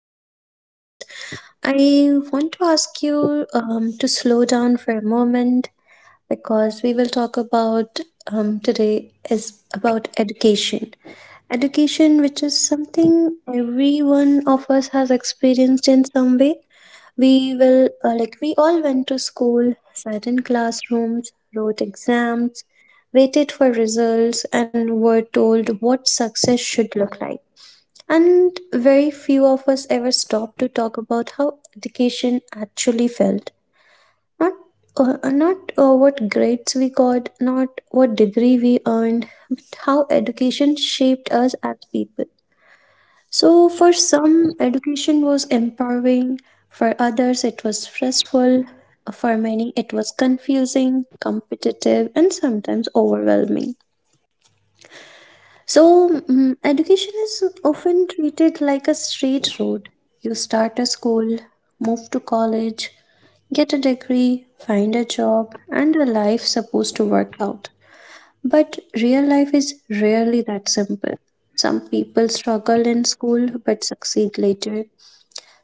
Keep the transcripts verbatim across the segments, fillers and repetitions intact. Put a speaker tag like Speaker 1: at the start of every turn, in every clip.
Speaker 1: this podcast, I want to ask you um, to slow down for a moment because we will talk about um, today is about education. Education, which is something every one of us has experienced in some way. We will, uh, like, we all went to school, sat in classrooms, wrote exams, waited for results, and were told what success should look like. And very few of us ever stopped to talk about how education actually felt, not uh, not uh, what grades we got, not what degree we earned, but how education shaped us as people. So, for some, education was empowering, for others, it was stressful, for many, it was confusing, competitive, and sometimes overwhelming. So, mm, education is often treated like a straight road. You start a school, move to college, get a degree, find a job, and a life supposed to work out. But real life is rarely that simple. Some people struggle in school but succeed later.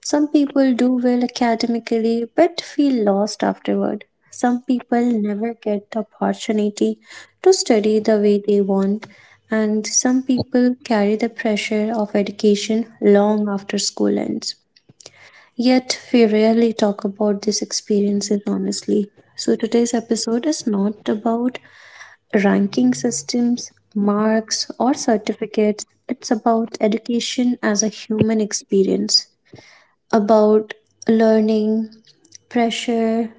Speaker 1: Some people do well academically but feel lost afterward. Some people never get the opportunity to study the way they want, and some people carry the pressure of education long after school ends. Yet, we rarely talk about these experiences honestly. So, today's episode is not about ranking systems, marks, or certificates. It's about education as a human experience, about learning, pressure,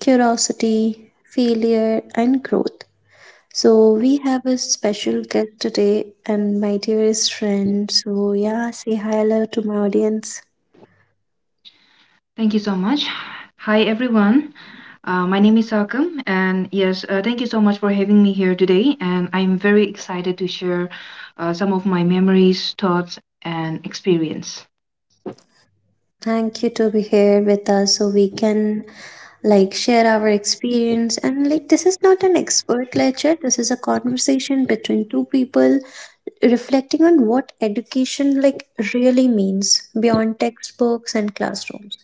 Speaker 1: curiosity, failure, and growth. So, we have a special guest today and my dearest friend. So, yeah, say hi hello to my audience.
Speaker 2: Thank you so much. Hi, everyone. Uh, my name is Akam, and yes, uh, thank you so much for having me here today. And I'm very excited to share uh, some of my memories, thoughts, and experience.
Speaker 1: Thank you to be here with us so we can like share our experience, and like this is not an expert lecture, this is a conversation between two people reflecting on what education like really means beyond textbooks and classrooms.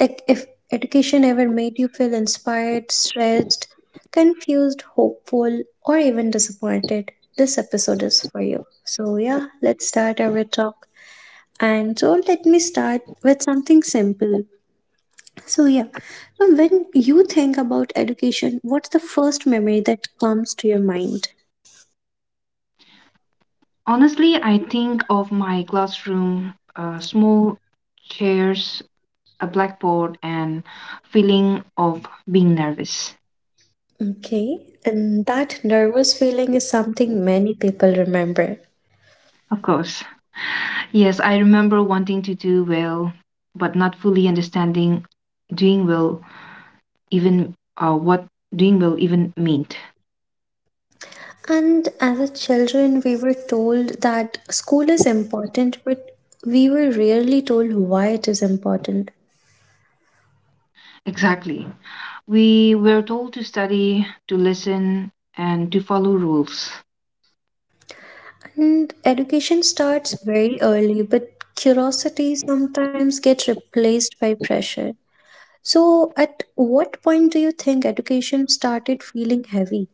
Speaker 1: Like if education ever made you feel inspired, stressed, confused, hopeful, or even disappointed, this episode is for you. So yeah, let's start our talk. And so let me start with something simple. So yeah, so when you think about education, what's the first memory that comes to your mind?
Speaker 2: Honestly, I think of my classroom, uh, small chairs, a blackboard, and feeling of being nervous.
Speaker 1: Okay, and that nervous feeling is something many people remember.
Speaker 2: Of course. Yes, I remember wanting to do well, but not fully understanding doing well even uh, what doing well even meant.
Speaker 1: And as a children, we were told that school is important, but we were rarely told why it is important.
Speaker 2: Exactly. We were told to study, to listen, and to follow rules.
Speaker 1: And education starts very early, but curiosity sometimes gets replaced by pressure. So, at what point do you think education started feeling heavy?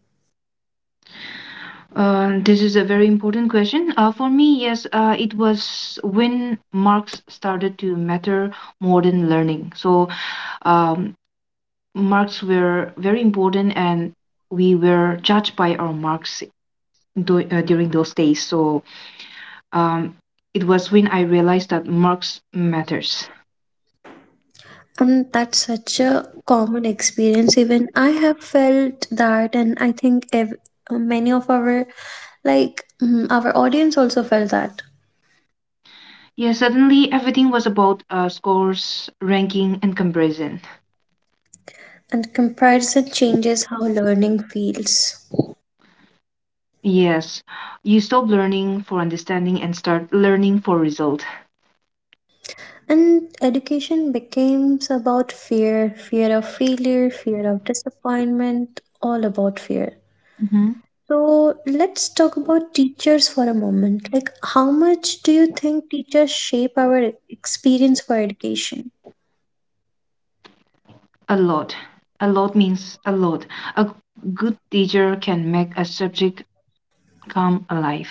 Speaker 2: Uh, this is a very important question. Uh, for me, yes, uh, it was when marks started to matter more than learning. So, um, marks were very important, and we were judged by our marks do- uh, during those days. So, um, it was when I realized that marks matters.
Speaker 1: And that's such a common experience. Even I have felt that, and I think ev- uh, many of our like mm, our audience also felt that.
Speaker 2: Yeah, suddenly everything was about uh, scores, ranking, and comparison.
Speaker 1: And comparison changes how learning feels.
Speaker 2: Yes. You stop learning for understanding and start learning for result.
Speaker 1: And education becomes about fear, fear of failure, fear of disappointment, all about fear.
Speaker 2: hmm
Speaker 1: So let's talk about teachers for a moment. Like, how much do you think teachers shape our experience for education?
Speaker 2: A lot. A lot means a lot. A good teacher can make a subject come alive.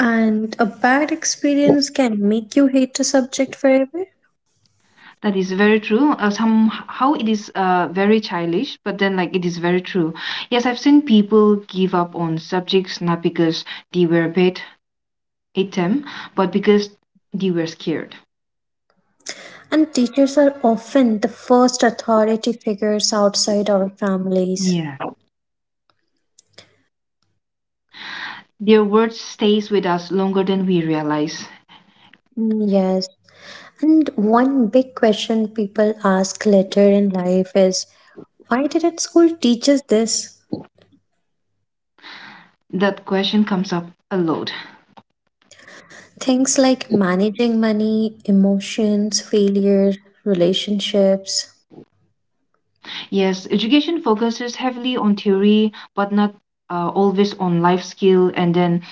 Speaker 1: And a bad experience can make you hate a subject forever.
Speaker 2: That is very true. Uh, somehow it is uh, very childish, but then like it is very true. Yes, I've seen people give up on subjects not because they were bad at them, but because they were scared.
Speaker 1: And teachers are often the first authority figures outside our families.
Speaker 2: Yeah. Their words stays with us longer than we realize.
Speaker 1: Mm, Yes. And one big question people ask later in life is, why didn't school teach us this?
Speaker 2: That question comes up a lot.
Speaker 1: Things like managing money, emotions, failure, relationships.
Speaker 2: Yes, education focuses heavily on theory, but not uh, always on life skill. And then,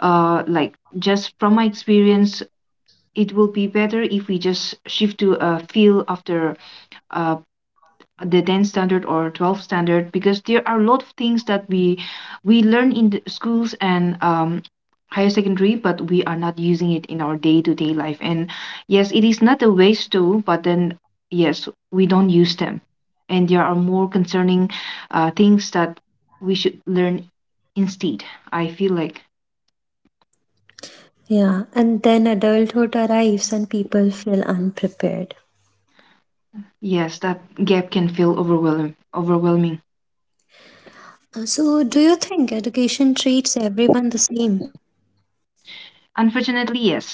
Speaker 2: uh, like, just from my experience, it will be better if we just shift to a field after uh, the ten standard or twelve standard because there are a lot of things that we we learn in the schools and um, higher secondary, but we are not using it in our day-to-day life, and yes, it is not a waste too, but then yes, we don't use them, and there are more concerning uh, things that we should learn instead, I feel like.
Speaker 1: Yeah, and then adulthood arrives and people feel unprepared.
Speaker 2: Yes, that gap can feel overwhelming overwhelming
Speaker 1: Uh, So, do you think education treats everyone the same?
Speaker 2: Unfortunately, yes.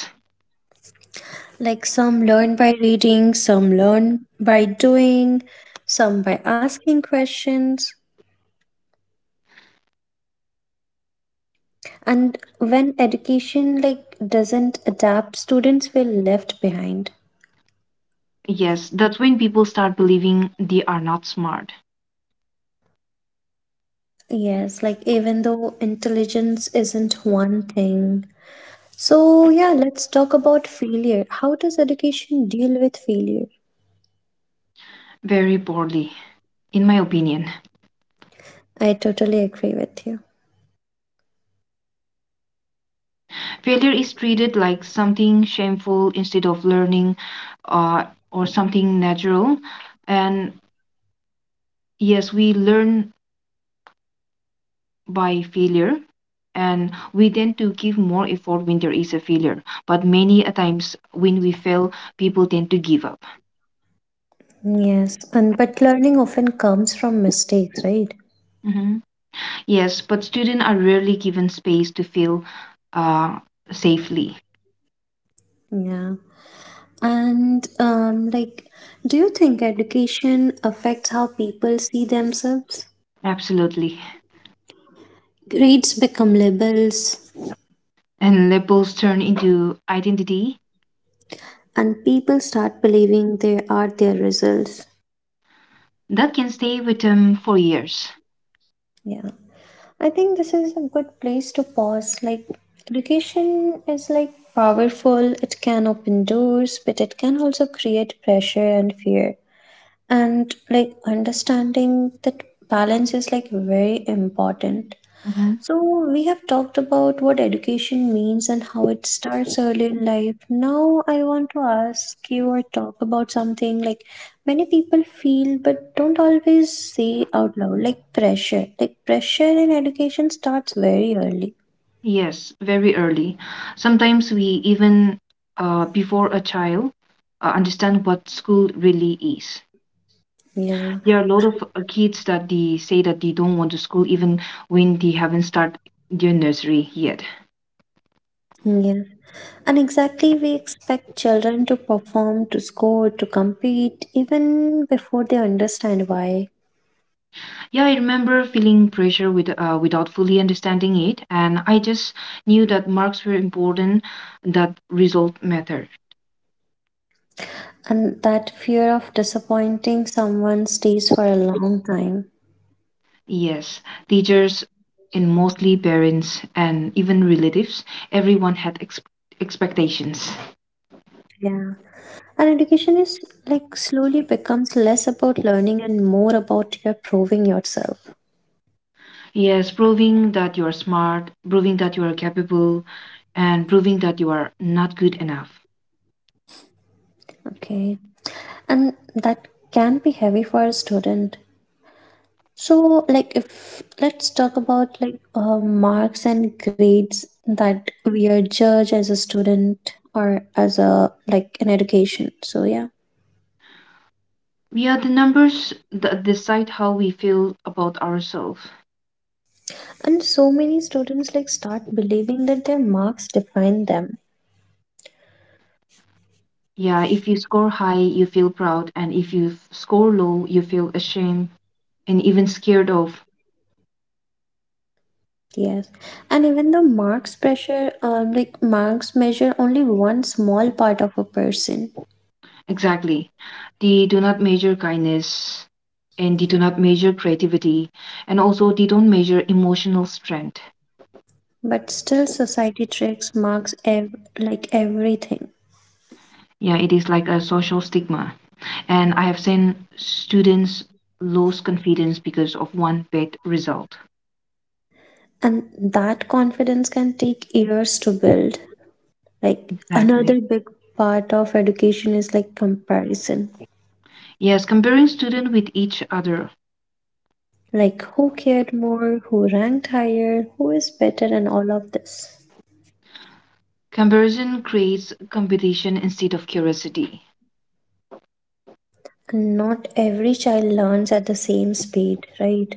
Speaker 1: Like some learn by reading, some learn by doing, some by asking questions. And when education like doesn't adapt, students feel left behind.
Speaker 2: Yes, that's when people start believing they are not smart.
Speaker 1: Yes, like even though intelligence isn't one thing. So, yeah, let's talk about failure. How does education deal with failure?
Speaker 2: Very poorly, in my opinion.
Speaker 1: I totally agree with you.
Speaker 2: Failure is treated like something shameful instead of learning uh, or something natural. And yes, we learn by failure, and we tend to give more effort when there is a failure. But many a times when we fail, people tend to give up.
Speaker 1: Yes, and but learning often comes from mistakes, right?
Speaker 2: Mhm. Yes, but students are rarely given space to fail uh, safely.
Speaker 1: Yeah. And um, like, do you think education affects how people see themselves?
Speaker 2: Absolutely.
Speaker 1: Grades become labels,
Speaker 2: And labels turn into identity
Speaker 1: and people start believing they are their results.
Speaker 2: that can stay with them for years.
Speaker 1: Yeah. I think this is a good place to pause. Like, education is like powerful, it can open doors, but it can also create pressure and fear. And like understanding that balance is like very important.
Speaker 2: hmm
Speaker 1: So we have talked about what education means and how it starts early in life. Now I want to ask you or talk about something like many people feel but don't always say out loud, like pressure. Like pressure in education starts very early.
Speaker 2: Yes, very early. Sometimes we even, uh, before a child, uh, understand what school really is.
Speaker 1: Yeah.
Speaker 2: There are a lot of uh, kids that they say that they don't want to school even when they haven't started their nursery yet.
Speaker 1: Yeah. And exactly, we expect children to perform, to score, to compete, even before they understand why.
Speaker 2: Yeah, I remember feeling pressure with, uh, without fully understanding it, and I just knew that marks were important, that result mattered.
Speaker 1: And that fear of disappointing someone stays for a long time.
Speaker 2: Yes, teachers and mostly parents and even relatives, everyone had ex- expectations.
Speaker 1: Yeah. And education is like slowly becomes less about learning and more about your proving yourself.
Speaker 2: Yes, proving that you are smart, proving that you are capable, and proving that you are not good enough.
Speaker 1: Okay. And that can be heavy for a student. So, like, if let's talk about like uh, marks and grades that we are judged as a student or as a like an education. So, yeah.
Speaker 2: Yeah, the numbers that decide how we feel about ourselves.
Speaker 1: And so many students like start believing that their marks define them.
Speaker 2: Yeah, if you score high, you feel proud, and if you f- score low, you feel ashamed and even scared of.
Speaker 1: Yes. And even the marks pressure, uh, like marks measure only one small part of a person,
Speaker 2: Exactly. They do not measure kindness, and they do not measure creativity, and also they don't measure emotional strength.
Speaker 1: but still society tracks marks ev- like everything.
Speaker 2: Yeah, it is like a social stigma. And I have seen students lose confidence because of one bad result.
Speaker 1: And that confidence can take years to build. Like
Speaker 2: Exactly.
Speaker 1: another big part of education is like comparison.
Speaker 2: Yes, comparing students with each other.
Speaker 1: Like who cared more, who ranked higher, who is better and all of this.
Speaker 2: Comparison creates competition instead of curiosity.
Speaker 1: And not every child learns at the same speed, right?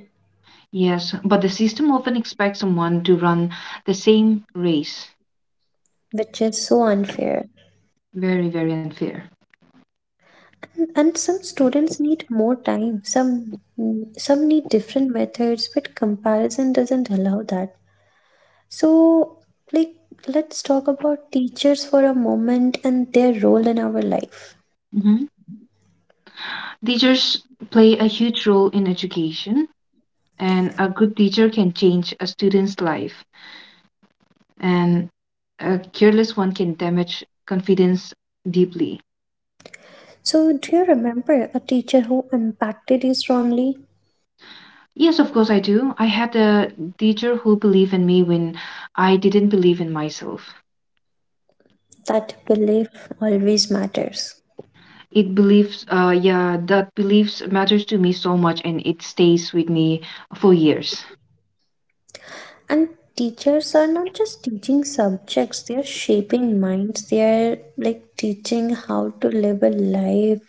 Speaker 2: Yes, but the system often expects someone to run the same race.
Speaker 1: Which is so unfair.
Speaker 2: Very, very unfair.
Speaker 1: And, and some students need more time. Some some need different methods, but comparison doesn't allow that. So like let's talk about teachers for a moment and their role in our life.
Speaker 2: hmm Teachers play a huge role in education, and a good teacher can change a student's life, and a careless one can damage confidence deeply.
Speaker 1: So, do you remember a teacher who impacted you strongly?
Speaker 2: Yes, of course I do. I had a teacher who believed in me when I didn't believe in myself.
Speaker 1: That belief always matters.
Speaker 2: It believes, uh, yeah, that beliefs matters to me so much, and it stays with me for years.
Speaker 1: And teachers are not just teaching subjects, they are shaping minds. They are like teaching how to live a life,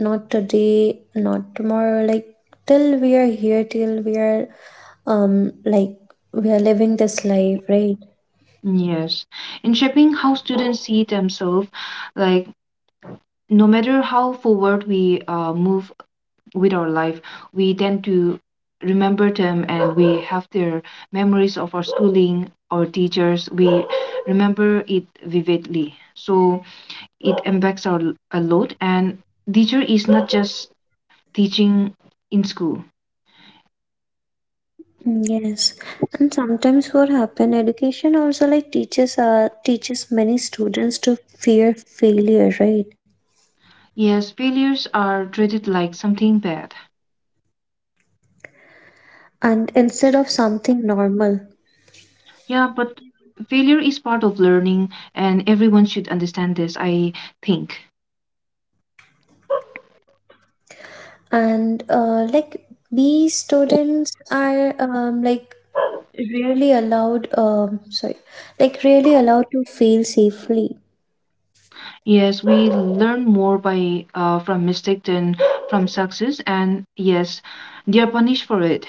Speaker 1: not today, not tomorrow, like till we are here, till we are um like we are living this life, right?
Speaker 2: Yes, in shaping how students see themselves, like no matter how forward we uh, move with our life, we tend to remember them, and we have their memories of our schooling, our teachers, we remember it vividly. So it impacts our l- a lot, and teacher is not just teaching in school.
Speaker 1: Mm, Yes, and sometimes what happen, education also like teaches uh, teaches many students to fear failure, right?
Speaker 2: Yes, failures are treated like something bad.
Speaker 1: And instead of something normal,
Speaker 2: Yeah, but failure is part of learning, and everyone should understand this, I think.
Speaker 1: and uh, like we students are um, like really allowed um sorry, like really allowed to fail safely,
Speaker 2: Yes, we learn more by uh, from mistake than from success, and yes, they are punished for it.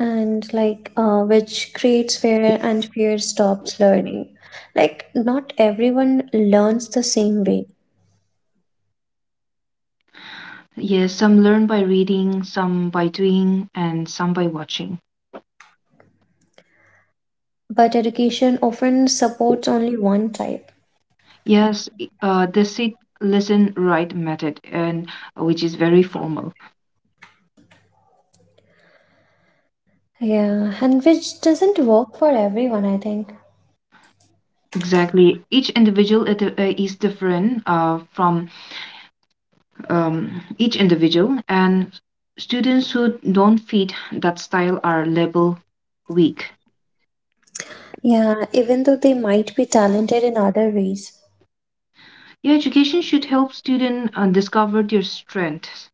Speaker 1: and like uh, which creates fear, and fear stops learning. Like not everyone learns the same way,
Speaker 2: Yes, some learn by reading, some by doing, and some by watching.
Speaker 1: but education often supports only one type.
Speaker 2: Yes, i- uh, the sit, listen, write method, and which is very formal.
Speaker 1: Yeah, and which doesn't work for everyone, I think.
Speaker 2: Exactly, each individual it, uh, is different uh, from um, each individual, and students who don't fit that style are labeled weak.
Speaker 1: Yeah, even though they might be talented in other ways.
Speaker 2: Your education should help students uh, discover their strengths.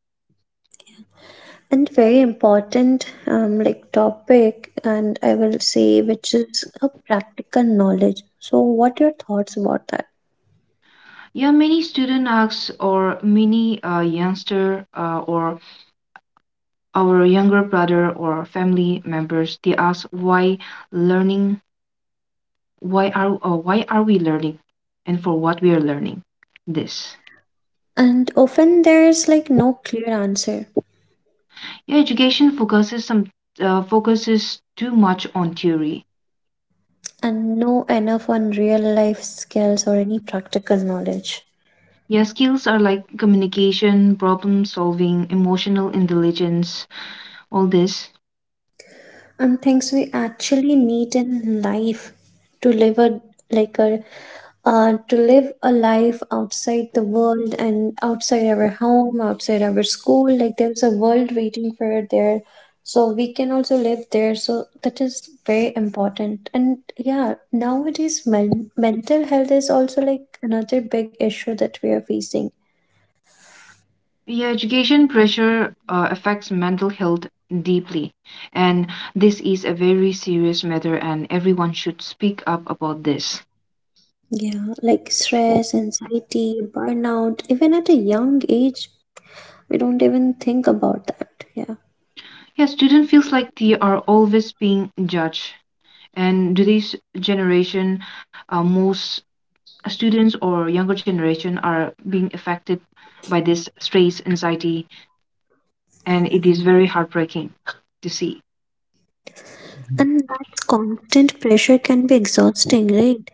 Speaker 1: And very important um, like topic, and I will say which is a practical knowledge. So, what your thoughts about that?
Speaker 2: Yeah, many student ask or many uh, youngster, uh, or our younger brother or family members, they ask why learning, why are, uh, why are we learning, and for what we are learning. This.
Speaker 1: And often there's like no clear answer
Speaker 2: Yeah, education focuses some uh, focuses too much on theory.
Speaker 1: and no enough on real life skills or any practical knowledge.
Speaker 2: Yeah, skills are like communication, problem solving, emotional intelligence, all this.
Speaker 1: And things we actually need in life to live a like a uh, to live a life outside the world and outside our home, outside our school. Like there's a world waiting for it there, so we can also live there, so that is very important. And yeah, nowadays men- mental health is also like another big issue that we are facing.
Speaker 2: Yeah, education pressure uh, affects mental health deeply, and this is a very serious matter, and everyone should speak up about this.
Speaker 1: Yeah, like stress, anxiety, burnout, even at a young age. We don't even think about that. Yeah.
Speaker 2: Yeah, student feels like they are always being judged, and today's generation, uh, most students or younger generation are being affected by this stress, anxiety, and it is very heartbreaking to see.
Speaker 1: And that constant pressure can be exhausting, right?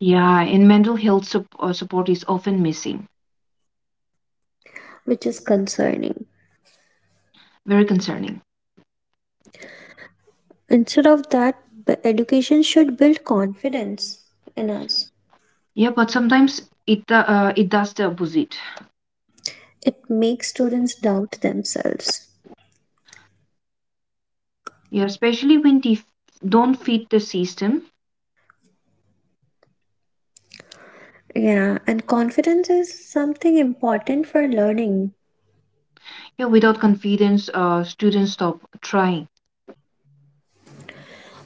Speaker 2: Yeah, and mental health sup- uh, support is often missing.
Speaker 1: Which is concerning.
Speaker 2: Very concerning.
Speaker 1: Instead of that, b- education should build confidence in us.
Speaker 2: Yeah, but sometimes it do- uh, it does the opposite.
Speaker 1: It makes students doubt themselves.
Speaker 2: Yeah, especially when they f- don't fit the system.
Speaker 1: Yeah, and confidence is something important for learning.
Speaker 2: Yeah, without confidence, uh, students stop trying.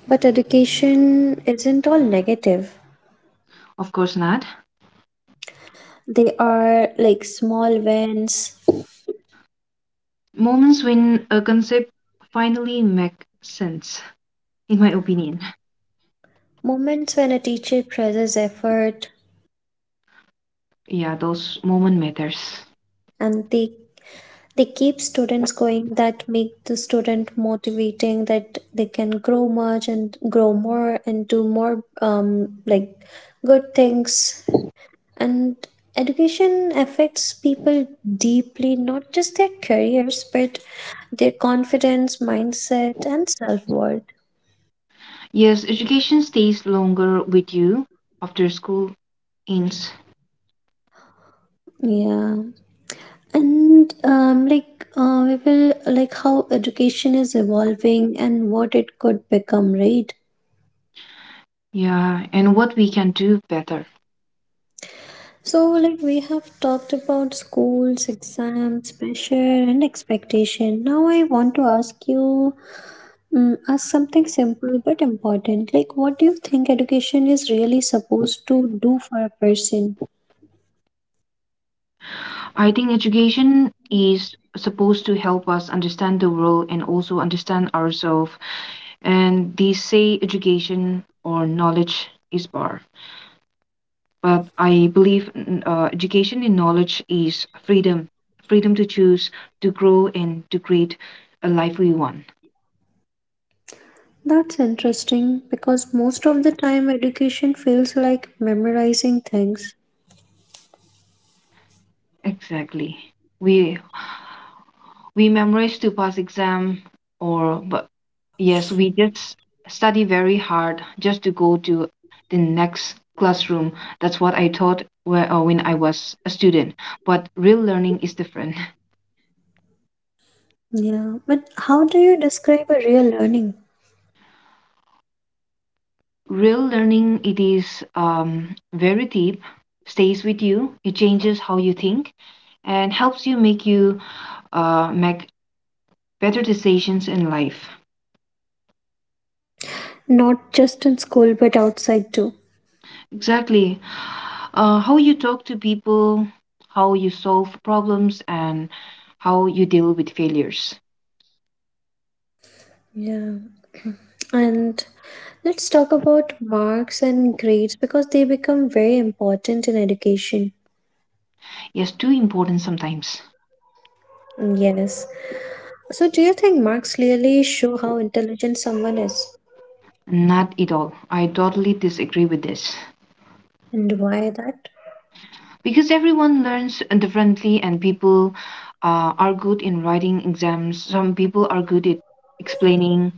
Speaker 1: But education isn't all negative.
Speaker 2: Of course not.
Speaker 1: They are like small wins,
Speaker 2: Moments when a concept finally makes sense, in my opinion.
Speaker 1: moments when a teacher praises effort,
Speaker 2: Yeah, those moment matters.
Speaker 1: and they they keep students going, that make the student motivating that they can grow much and grow more and do more um, like good things. And education affects people deeply, not just their careers but their confidence, mindset, and self-worth.
Speaker 2: Yes, education stays longer with you after school ends.
Speaker 1: Yeah. And um, like uh, we will like how education is evolving and what it could become, right?
Speaker 2: Yeah, and what we can do better.
Speaker 1: So, like we have talked about schools, exams, pressure, and expectation. Now, I want to ask you, um, ask something simple but important. Like, what do you think education is really supposed to do for a person?
Speaker 2: I think education is supposed to help us understand the world and also understand ourselves. And they say education or knowledge is power. But I believe mm, uh, education and knowledge is freedom, freedom to choose, to grow, and to create a life we want.
Speaker 1: That's interesting because most of the time education feels like memorizing things.
Speaker 2: Exactly. We we memorize to pass exam or but yes, we just study very hard just to go to the next classroom. That's what I thought whe- uh, when I was a student. But real learning is different.
Speaker 1: Yeah, but how do you describe a real learning?
Speaker 2: Real learning, it is um, very deep, stays with you, it changes how you think, and helps you make you uh, make better decisions in life.
Speaker 1: Not just in school, but outside too.
Speaker 2: Exactly. Uh, how you talk to people, how you solve problems, and how you deal with failures.
Speaker 1: Yeah, and let's talk about marks and grades because they become very important in education.
Speaker 2: Yes, too important sometimes.
Speaker 1: Yes. So, do you think marks clearly show how intelligent someone is,
Speaker 2: Not at all. I totally disagree with this.
Speaker 1: and why that?
Speaker 2: Because everyone learns differently, and people uh, are good in writing exams. Some people are good at explaining,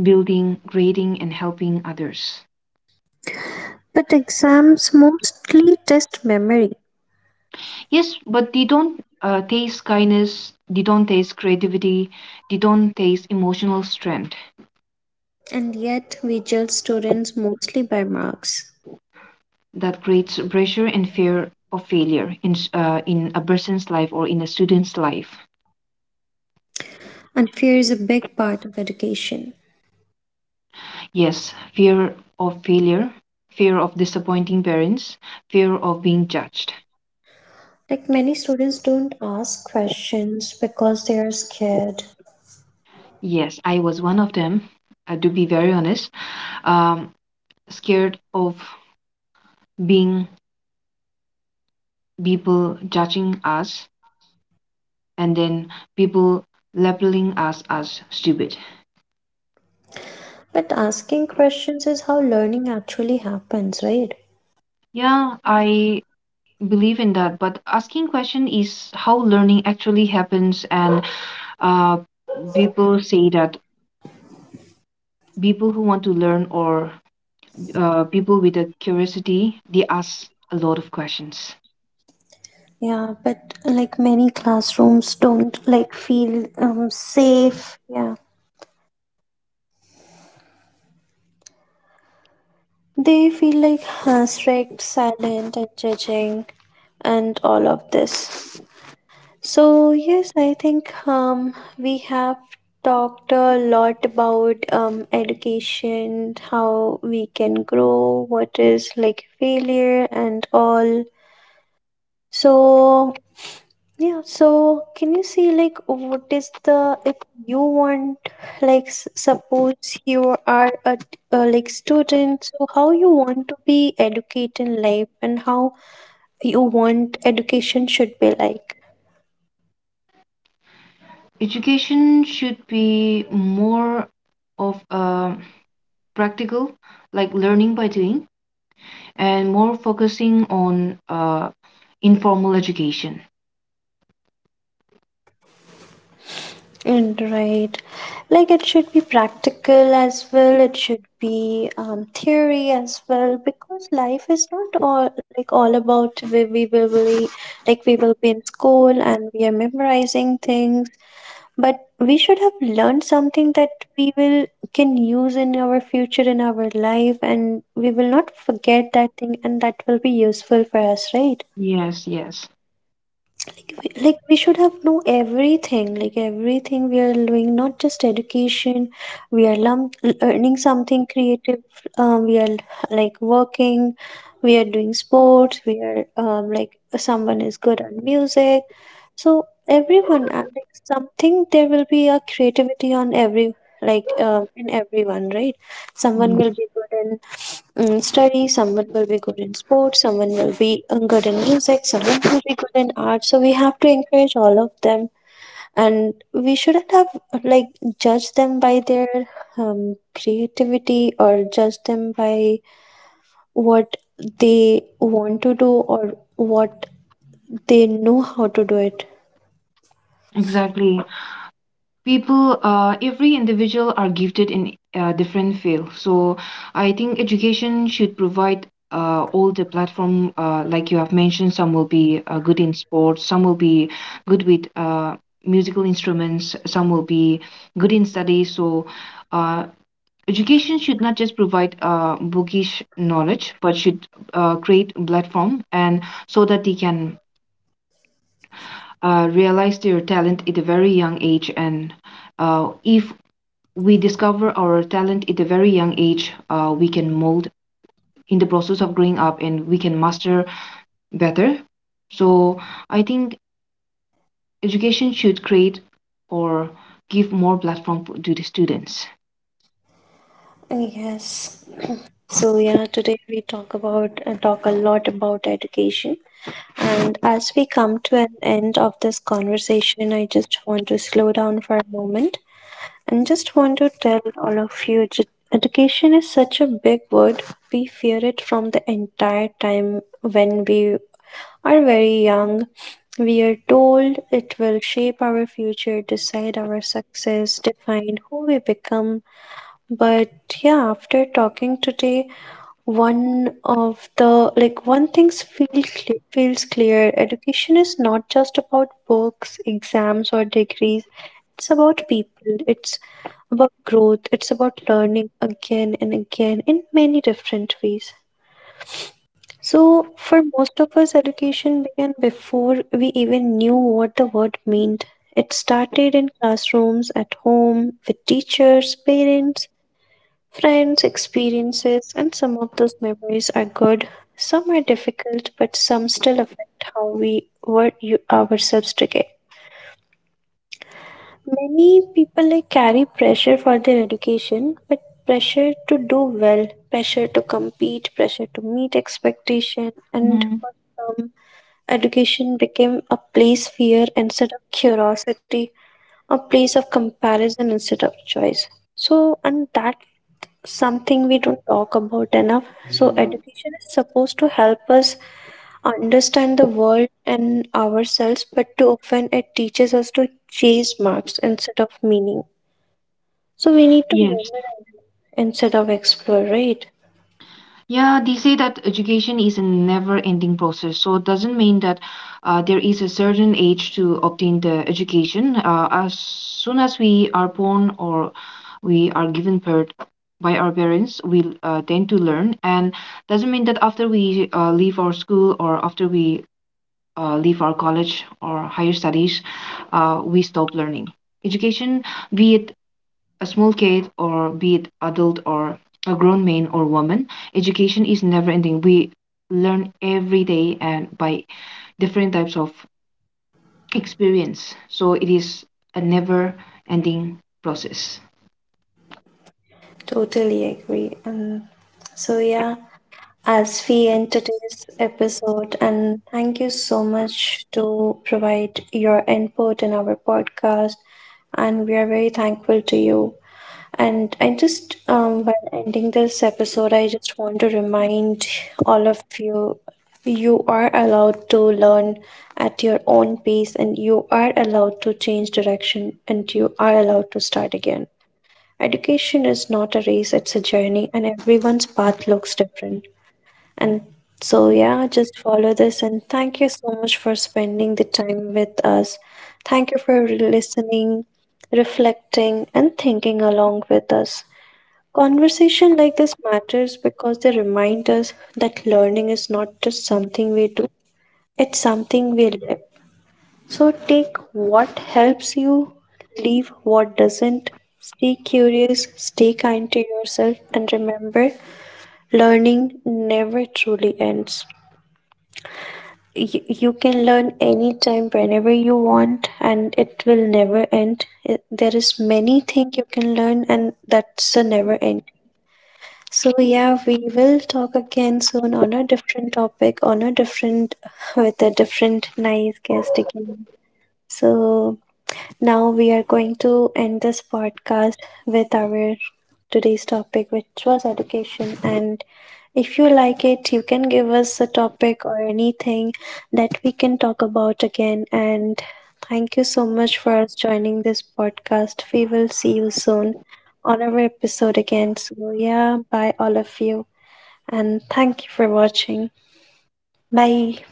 Speaker 2: building, grading, and helping others.
Speaker 1: But exams mostly test memory,
Speaker 2: Yes, but they don't uh, taste kindness, they don't taste creativity, they don't taste emotional strength.
Speaker 1: and yet we judge students mostly by marks.
Speaker 2: That creates pressure and fear of failure in, s- uh, in a person's life or in a student's life.
Speaker 1: And fear is a big part of education.
Speaker 2: Yes, fear of failure, fear of disappointing parents, fear of being judged.
Speaker 1: Like many students don't ask questions because they are scared.
Speaker 2: Yes, I was one of them, uh, to be very honest. Um, Scared of being people judging us, and then people labeling us as stupid.
Speaker 1: But asking questions is how learning actually happens, right?
Speaker 2: Yeah, I believe in that, but asking question is how learning actually happens, and uh, people say that people who want to learn or uh, people with a curiosity, they ask a lot of questions.
Speaker 1: Yeah, but like many classrooms don't like feel um safe. Yeah. They feel like uh, strict, silent, and judging, and all of this. So yes, I think um we have talked a lot about um education, how we can grow, what is like failure, and all. So yeah, so can you see like what is the if you want like s- suppose you are a, t- uh like student, so how you want to be educated in life and how you want education should be like.
Speaker 2: Education should be more of a practical, like learning by doing, and more focusing on uh, informal education.
Speaker 1: And right, like it should be practical as well. It should be um theory as well, because life is not all like all about we we will be like we will be in school and we are memorizing things, but we should have learned something that we will can use in our future in our life, and we will not forget that thing and that will be useful for us, right?
Speaker 2: Yes, yes,
Speaker 1: Like we like, we should have know everything, like everything we are doing, not just education. We are lum- learning something creative. Um, we are like working, we are doing sports, we are um, like someone is good at music. So everyone, uh, like something, there will be a creativity on every like uh, in everyone, right? Someone
Speaker 2: yeah,
Speaker 1: will be good in um, study, someone will be good in sports, someone will be uh, good in music, someone will be good in art. So we have to encourage all of them, and we shouldn't have like judge them by their um, creativity, or judge them by what they want to do or what they know how to do it.
Speaker 2: exactly. People uh, every individual are gifted in a different field, so I think education should provide uh, all the platform, uh, like you have mentioned, some will be uh, good in sports, some will be good with uh, musical instruments, some will be good in studies. So uh, education should not just provide uh, bookish knowledge, but should uh, create a platform, and so that they can uh, realize their talent at a very young age. And uh, if we discover our talent at a very young age, Uh, we can mold in the process of growing up, and we can master better. So I think education should create or give more platform f- to the students.
Speaker 1: Yes. So yeah, today we talk about uh, talk a lot about education, and as we come to an end of this conversation, I just want to slow down for a moment and just want to tell all of you ju- education is such a big word. We fear it from the entire time when we are very young. We are told it will shape our future, decide our success, define who we become. But yeah, after talking today, one of the like one things feel cle feels clear: education is not just about books, exams, or degrees. It's about people, it's about growth, it's about learning again and again in many different ways. So for most of us, education began before we even knew what the word meant. It started in classrooms, at home, with teachers, parents, friends, experiences. And some of those memories are good, some are difficult, but some still affect how we were you ourselves today. Many people like carry pressure for their education, but pressure to do well, pressure to compete, pressure to meet expectation, and
Speaker 2: hmm
Speaker 1: for some, education became a place fear instead of curiosity, a place of comparison instead of choice. So, and that's something we don't talk about enough. So, education is supposed to help us understand the world and ourselves, but too often it teaches us to chase marks instead of meaning. So, we need to
Speaker 2: Yes.
Speaker 1: memorize instead of explore, right?
Speaker 2: Yeah, they say that education is a never-ending process. So it doesn't mean that uh, there is a certain age to obtain the education. Uh, as soon as we are born, or we are given birth by our parents, we uh, tend to learn. And doesn't mean that after we uh, leave our school, or after we uh, leave our college or higher studies, uh, we stop learning. Education, be it a small kid, or be it adult, or a grown man or woman, education is never ending. We learn every day and by different types of experience, so it is a never ending process.
Speaker 1: Totally agree. Um, so, yeah, as we end today's episode. And thank you so much to provide your input in our podcast. And we are very thankful to you. And I just, um, while ending this episode, I just want to remind all of you, you are allowed to learn at your own pace, and you are allowed to change direction, and you are allowed to start again. Education is not a race, it's a journey, and everyone's path looks different. And so, yeah, just follow this. And thank you so much for spending the time with us. Thank you for re- listening, reflecting, and thinking along with us. Conversation like this matters because they remind us that learning is not just something we do, it's something we live. So, take what helps you, leave what doesn't. Stay curious, stay kind to yourself, and remember learning never truly ends. you, you can learn anytime whenever you want, and it will never end it, there is many thing you can learn, and that's a never end. So yeah, we will talk again soon on a different topic, on a different, with a different nice guest again. So now we are going to end this podcast with our today's topic, which was education. And if you like it, you can give us a topic or anything that we can talk about again. And thank you so much for us joining this podcast. We will see you soon on our episode again. So, yeah, bye all of you. And thank you for watching. Bye.